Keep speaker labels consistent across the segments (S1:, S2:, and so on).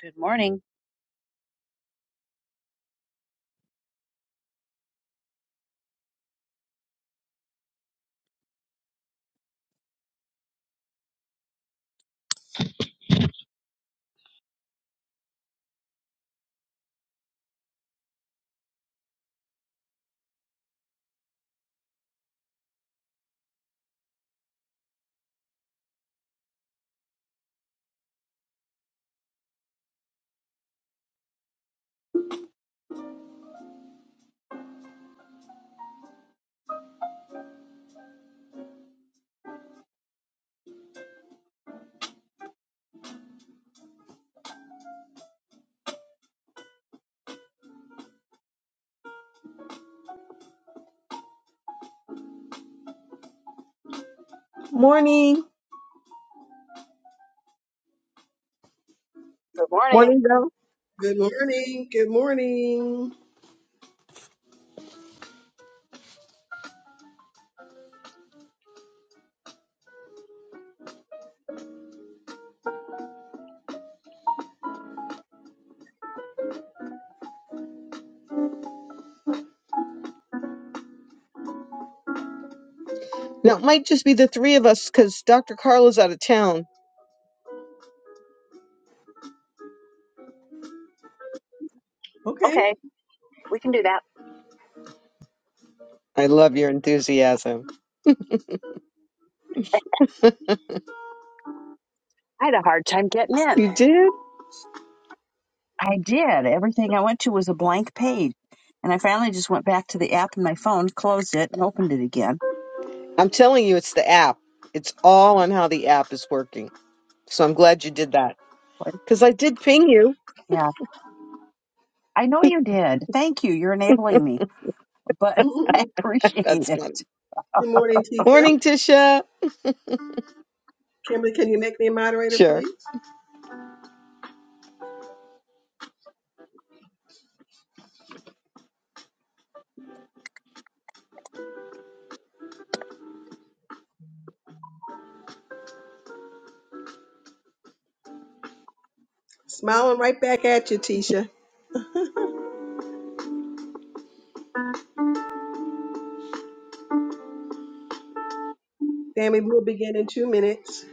S1: Good morning.
S2: Morning.
S1: Good morning.
S2: Morning, Val.
S3: Good morning. Good morning.
S2: Now, it might just be the three of us because Dr. Carla's out of town.
S3: Okay.
S1: Okay, we can do that.
S2: I love your enthusiasm.
S1: I had a hard time getting in.
S2: You did?
S1: I did. Everything I went to was a blank page. And I finally just went back to the app on my phone, closed it, and opened it again.
S2: I'm telling you, it's the app. It's all on how the app is working. So I'm glad you did that
S1: But,
S2: because I did ping you.
S1: Yeah, I know you did. Thank you. You're enabling me, but
S3: Mm-mm.
S1: I appreciate
S2: That's funny.
S1: it.
S3: Good morning, Tisha.
S2: Morning, Tisha.
S3: Kimberly, can you make me a moderator,
S2: Sure.
S3: please? Smiling right back at you, Tisha. Family, we'll begin in two minutes.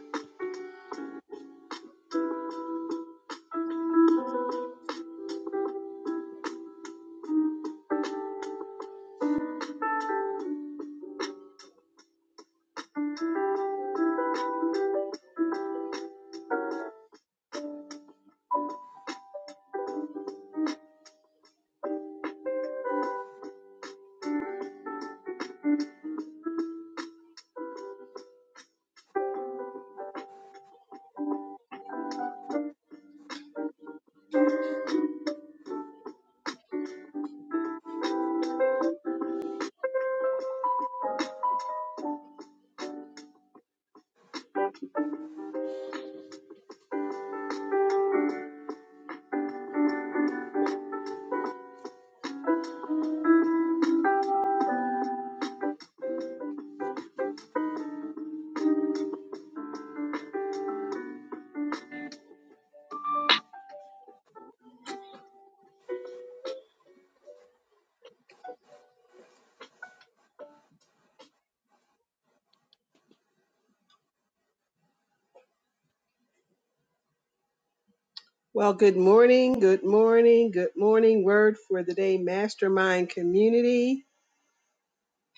S3: Well, good morning. Good morning. Good morning. Word for the day, Mastermind Community.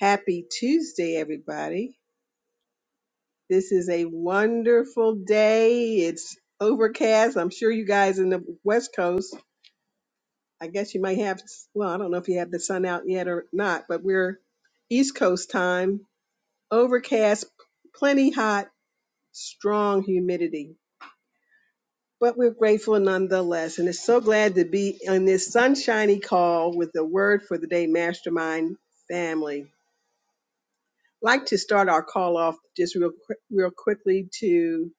S3: Happy Tuesday, everybody. This is a wonderful day. It's overcast. I'm sure you guys in the West Coast I guess you might have, well, I don't know if you have the sun out yet or not, but we're East Coast time, overcast, plenty hot, strong humidity. But we're grateful nonetheless. And it's so glad to be on this sunshiny call with the Word for the Day Mastermind family. I'd like to start our call off just real, quick- real quickly to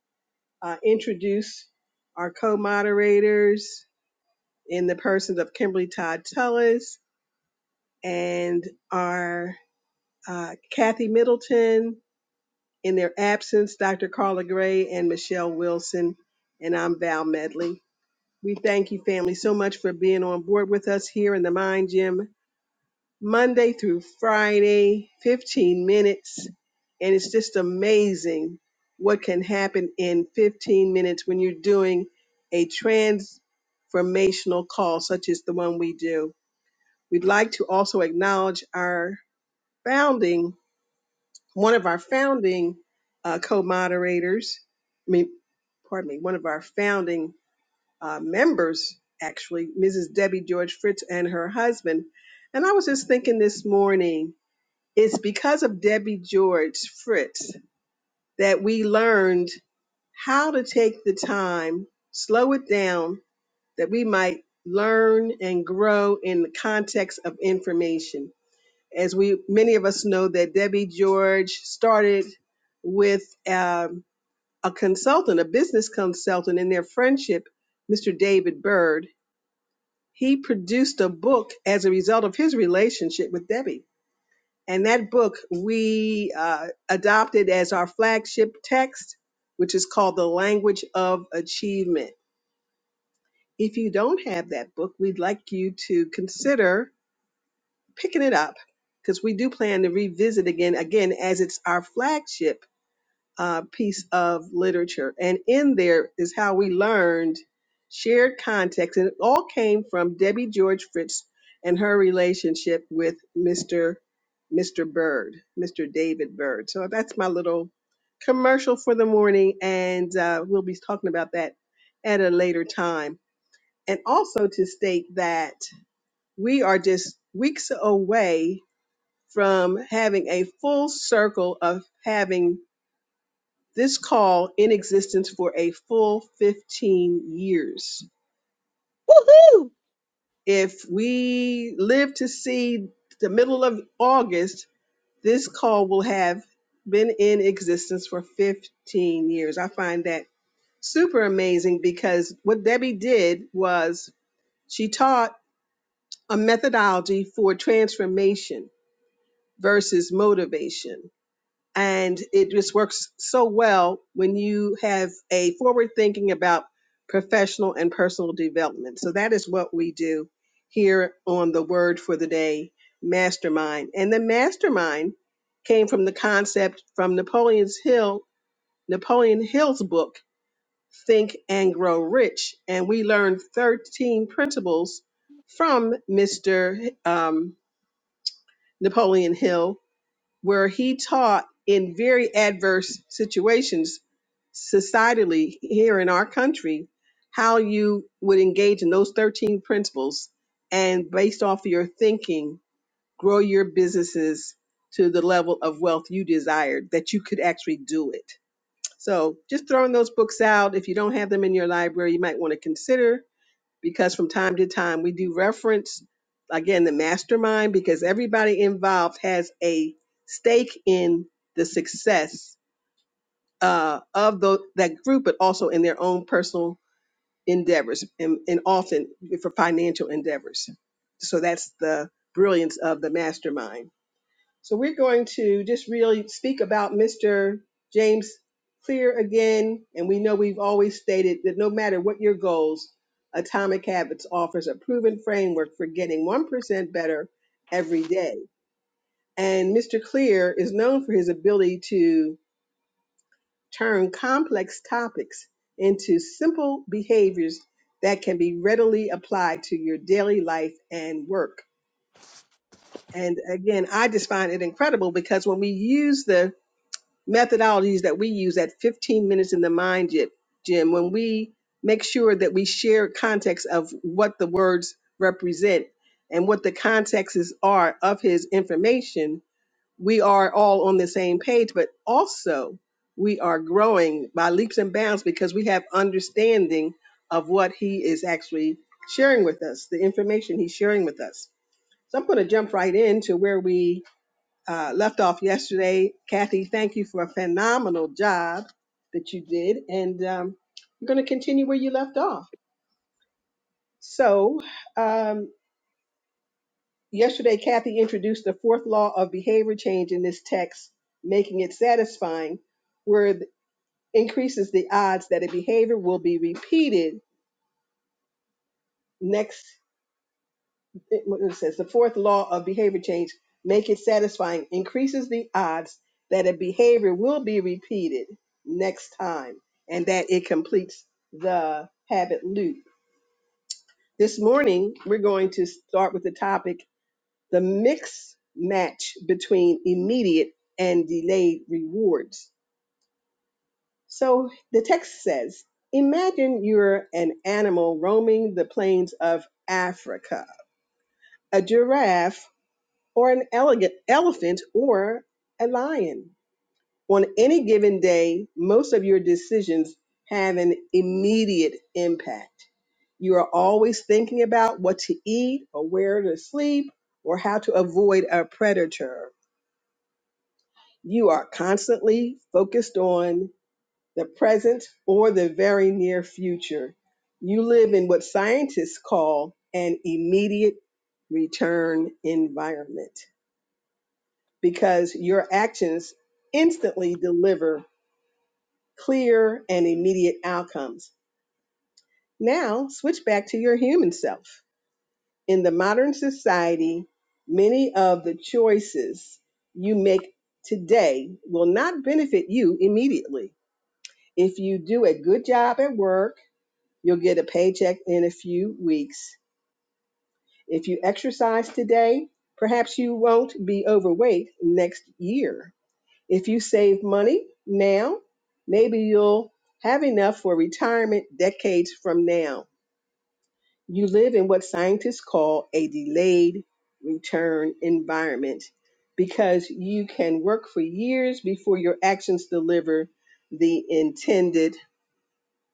S3: uh, introduce our co moderators in the persons of Kimberly Todd Tullis and our uh, Kathy Middleton. In their absence, Dr. Carla Gray and Michelle Wilson. And I'm Val Medley. We thank you, family, so much for being on board with us here in the Mind Gym, Monday through Friday, 15 minutes. And it's just amazing what can happen in 15 minutes when you're doing a transformational call such as the one we do. We'd like to also acknowledge our founding one of our founding uh, co-moderators, I mean, pardon me, one of our founding uh, members, actually, Mrs. Debbie George Fritz and her husband. And I was just thinking this morning, it's because of Debbie George Fritz that we learned how to take the time, slow it down, that we might learn and grow in the context of information as we many of us know that Debbie George started with um, a consultant, a business consultant in their friendship, Mr. David Byrd. He produced a book as a result of his relationship with Debbie. And that book we uh, adopted as our flagship text, which is called The Language of Achievement. If you don't have that book, we'd like you to consider picking it up because we do plan to revisit again, again as it's our flagship uh, piece of literature. And in there is how we learned shared context, and it all came from Debbie George Fritz and her relationship with Mr. Mr. Bird, Mr. David Bird. So that's my little commercial for the morning, and uh, we'll be talking about that at a later time. And also to state that we are just weeks away from having a full circle of having this call in existence for a full 15 years.
S2: Woohoo!
S3: If we live to see the middle of August, this call will have been in existence for 15 years. I find that super amazing because what Debbie did was she taught a methodology for transformation versus motivation and it just works so well when you have a forward thinking about professional and personal development. So that is what we do here on the Word for the Day Mastermind. And the mastermind came from the concept from Napoleon's Hill, Napoleon Hill's book, Think and Grow Rich. And we learned 13 principles from Mr. Um, Napoleon Hill where he taught in very adverse situations societally here in our country how you would engage in those 13 principles and based off of your thinking grow your businesses to the level of wealth you desired that you could actually do it so just throwing those books out if you don't have them in your library you might want to consider because from time to time we do reference again the mastermind because everybody involved has a stake in the success uh, of the, that group, but also in their own personal endeavors and, and often for financial endeavors. So that's the brilliance of the mastermind. So we're going to just really speak about Mr. James Clear again. And we know we've always stated that no matter what your goals, Atomic Habits offers a proven framework for getting 1% better every day. And Mr. Clear is known for his ability to turn complex topics into simple behaviors that can be readily applied to your daily life and work. And again, I just find it incredible because when we use the methodologies that we use at 15 minutes in the mind gy- gym when we make sure that we share context of what the words represent and what the contexts are of his information we are all on the same page but also we are growing by leaps and bounds because we have understanding of what he is actually sharing with us the information he's sharing with us so i'm going to jump right into where we uh, left off yesterday. Kathy, thank you for a phenomenal job that you did, and um, we're going to continue where you left off. So, um, yesterday, Kathy introduced the fourth law of behavior change in this text, making it satisfying, where it increases the odds that a behavior will be repeated next it, what it says the fourth law of behavior change make it satisfying increases the odds that a behavior will be repeated next time and that it completes the habit loop this morning we're going to start with the topic the mix match between immediate and delayed rewards so the text says imagine you're an animal roaming the plains of africa a giraffe or an elegant elephant or a lion. On any given day, most of your decisions have an immediate impact. You are always thinking about what to eat or where to sleep or how to avoid a predator. You are constantly focused on the present or the very near future. You live in what scientists call an immediate return environment. because your actions instantly deliver clear and immediate outcomes. Now, switch back to your human self. In the modern society, many of the choices you make today will not benefit you immediately. If you do a good job at work, you'll get a paycheck in a few weeks. If you exercise today, perhaps you won't be overweight next year. If you save money now, maybe you'll have enough for retirement decades from now. You live in what scientists call a delayed return environment because you can work for years before your actions deliver the intended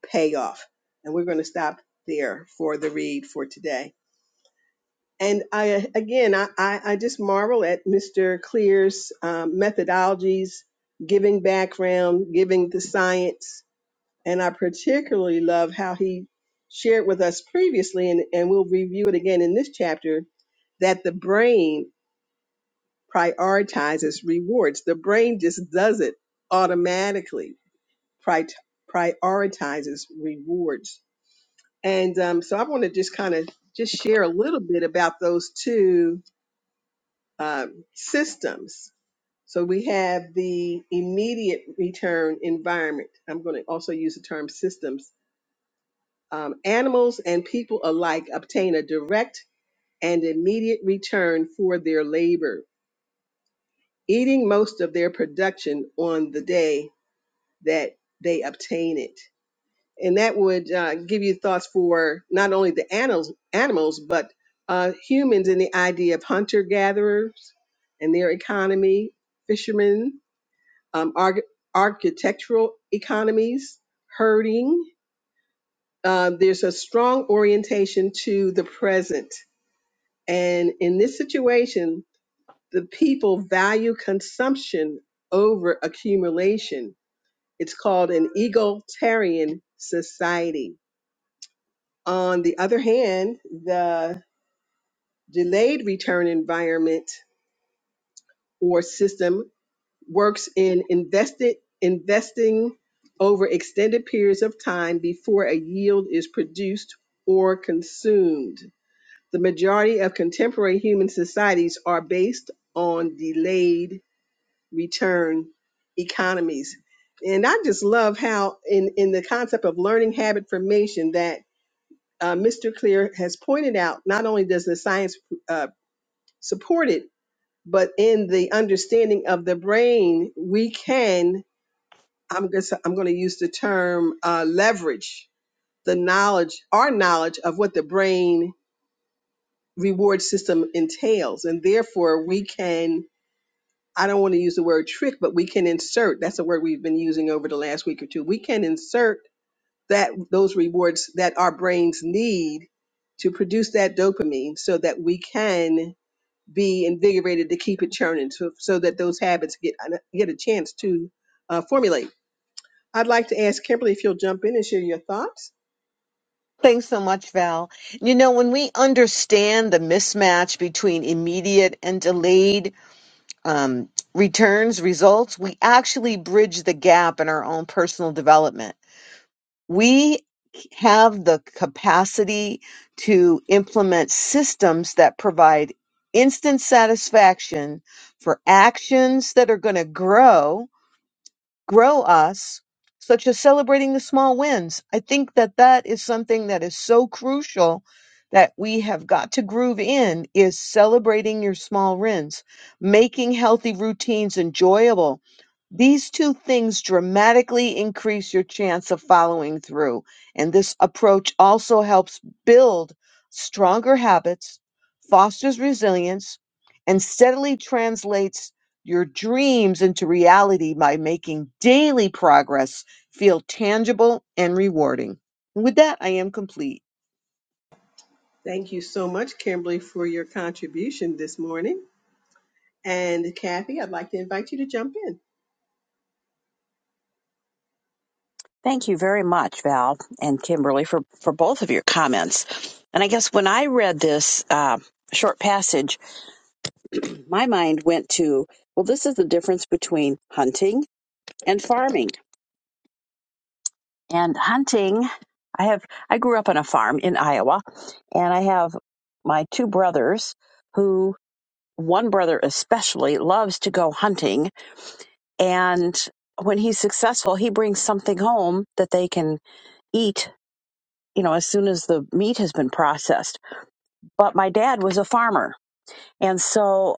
S3: payoff. And we're going to stop there for the read for today and I again, I, I, I just marvel at Mr. Clear's um, methodologies, giving background, giving the science, and I particularly love how he shared with us previously, and, and we'll review it again in this chapter, that the brain prioritizes rewards. The brain just does it automatically, pri- prioritizes rewards. And um, so I want to just kind of just share a little bit about those two um, systems. So we have the immediate return environment. I'm going to also use the term systems. Um, animals and people alike obtain a direct and immediate return for their labor, eating most of their production on the day that they obtain it. And that would uh, give you thoughts for not only the animals, animals but uh, humans and the idea of hunter gatherers and their economy, fishermen, um, arch- architectural economies, herding. Um, there's a strong orientation to the present. And in this situation, the people value consumption over accumulation. It's called an egalitarian society. On the other hand, the delayed return environment or system works in invested investing over extended periods of time before a yield is produced or consumed. The majority of contemporary human societies are based on delayed return economies. And I just love how in, in the concept of learning habit formation that uh, Mr. Clear has pointed out, not only does the science uh, support it, but in the understanding of the brain, we can I'm going to I'm going to use the term uh, leverage the knowledge, our knowledge of what the brain reward system entails, and therefore we can. I don't want to use the word trick, but we can insert. That's a word we've been using over the last week or two. We can insert that those rewards that our brains need to produce that dopamine, so that we can be invigorated to keep it churning, so, so that those habits get get a chance to uh, formulate. I'd like to ask Kimberly if you'll jump in and share your thoughts.
S2: Thanks so much, Val. You know, when we understand the mismatch between immediate and delayed um, returns, results, we actually bridge the gap in our own personal development we have the capacity to implement systems that provide instant satisfaction for actions that are going to grow grow us, such as celebrating the small wins. I think that that is something that is so crucial that we have got to groove in is celebrating your small wins, making healthy routines enjoyable. These two things dramatically increase your chance of following through. And this approach also helps build stronger habits, fosters resilience, and steadily translates your dreams into reality by making daily progress feel tangible and rewarding. And with that, I am complete.
S3: Thank you so much, Kimberly, for your contribution this morning. And Kathy, I'd like to invite you to jump in.
S1: Thank you very much, Val and Kimberly, for, for both of your comments. And I guess when I read this uh, short passage, my mind went to, well, this is the difference between hunting and farming and hunting i have i grew up on a farm in iowa and i have my two brothers who one brother especially loves to go hunting and when he's successful he brings something home that they can eat you know as soon as the meat has been processed but my dad was a farmer and so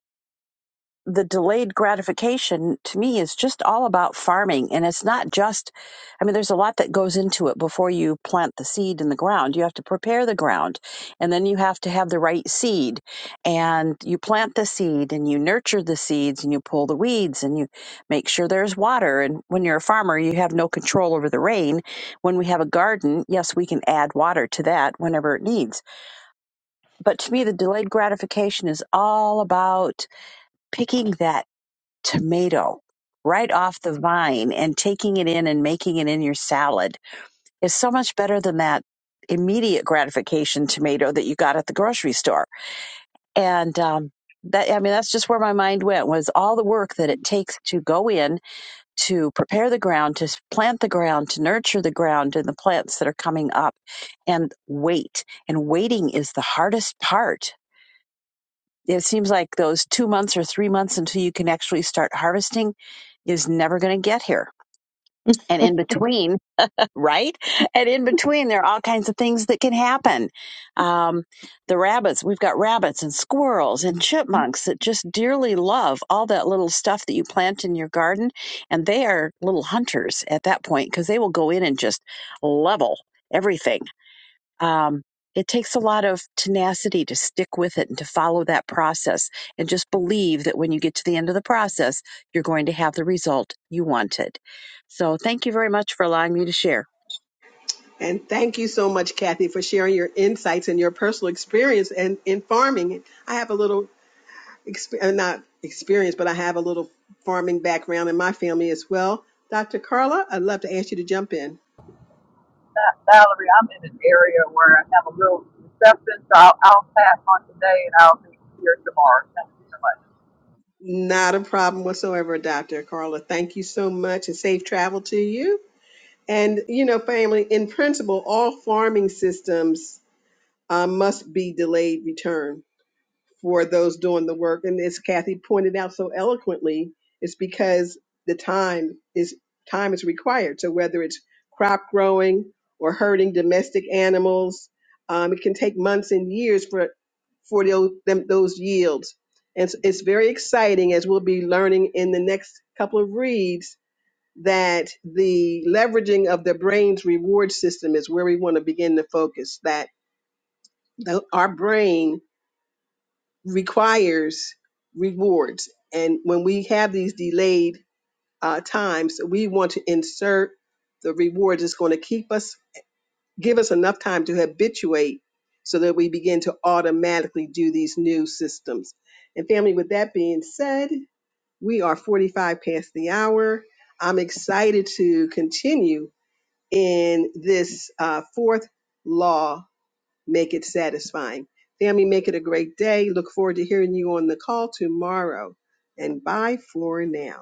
S1: the delayed gratification to me is just all about farming and it's not just i mean there's a lot that goes into it before you plant the seed in the ground you have to prepare the ground and then you have to have the right seed and you plant the seed and you nurture the seeds and you pull the weeds and you make sure there's water and when you're a farmer you have no control over the rain when we have a garden yes we can add water to that whenever it needs but to me the delayed gratification is all about picking that tomato right off the vine and taking it in and making it in your salad is so much better than that immediate gratification tomato that you got at the grocery store. And um, that I mean, that's just where my mind went was all the work that it takes to go in to prepare the ground, to plant the ground, to nurture the ground and the plants that are coming up, and wait. And waiting is the hardest part it seems like those two months or three months until you can actually start harvesting is never going to get here. And in between, right? And in between, there are all kinds of things that can happen. Um, the rabbits, we've got rabbits and squirrels and
S2: Mhm.
S1: chipmunks that just dearly love all that little stuff that you plant in your garden. And they are little hunters at that point because they will go in and just level everything um, it takes a lot of tenacity to stick with it and to follow that process and just believe that when you get to the end of the process, you're going to have the result you wanted. So, thank you very much for allowing me to share.
S3: And thank you so much, Kathy, for sharing your insights and your personal experience and in farming. I have a little exp- uh, not experience, but I have a little farming background in my family as well. Dr. Carla, I'd love to ask you to jump in.
S4: salary. I'm in an area where I have a little reception, so I'll, I'll pass on today and I'll be here tomorrow. Thank you so much.
S3: Not a problem whatsoever, Dr. Carla. Thank you so much and safe travel to you. And, you know, family, in principle, all farming systems uh, must be delayed return for those doing the work. And as Kathy pointed out so eloquently, it's because the time is time is required. So whether it's crop growing or herding domestic animals, um, it can take months and years for for those them, those yields. And it's, it's very exciting as we'll be learning in the next couple of reads that the leveraging of the brain's reward system is where we want to begin to focus. That the, our brain requires rewards. And when we have these delayed uh, times, we want to insert the reward that's going to keep us, give us enough time to habituate so that we begin to automatically do these new systems. And family, with that being said, we are 45 past the hour. I'm excited to continue in this uh, fourth law Make it satisfying. Family, make it a great day. Look forward to hearing you on the call tomorrow. And bye for now.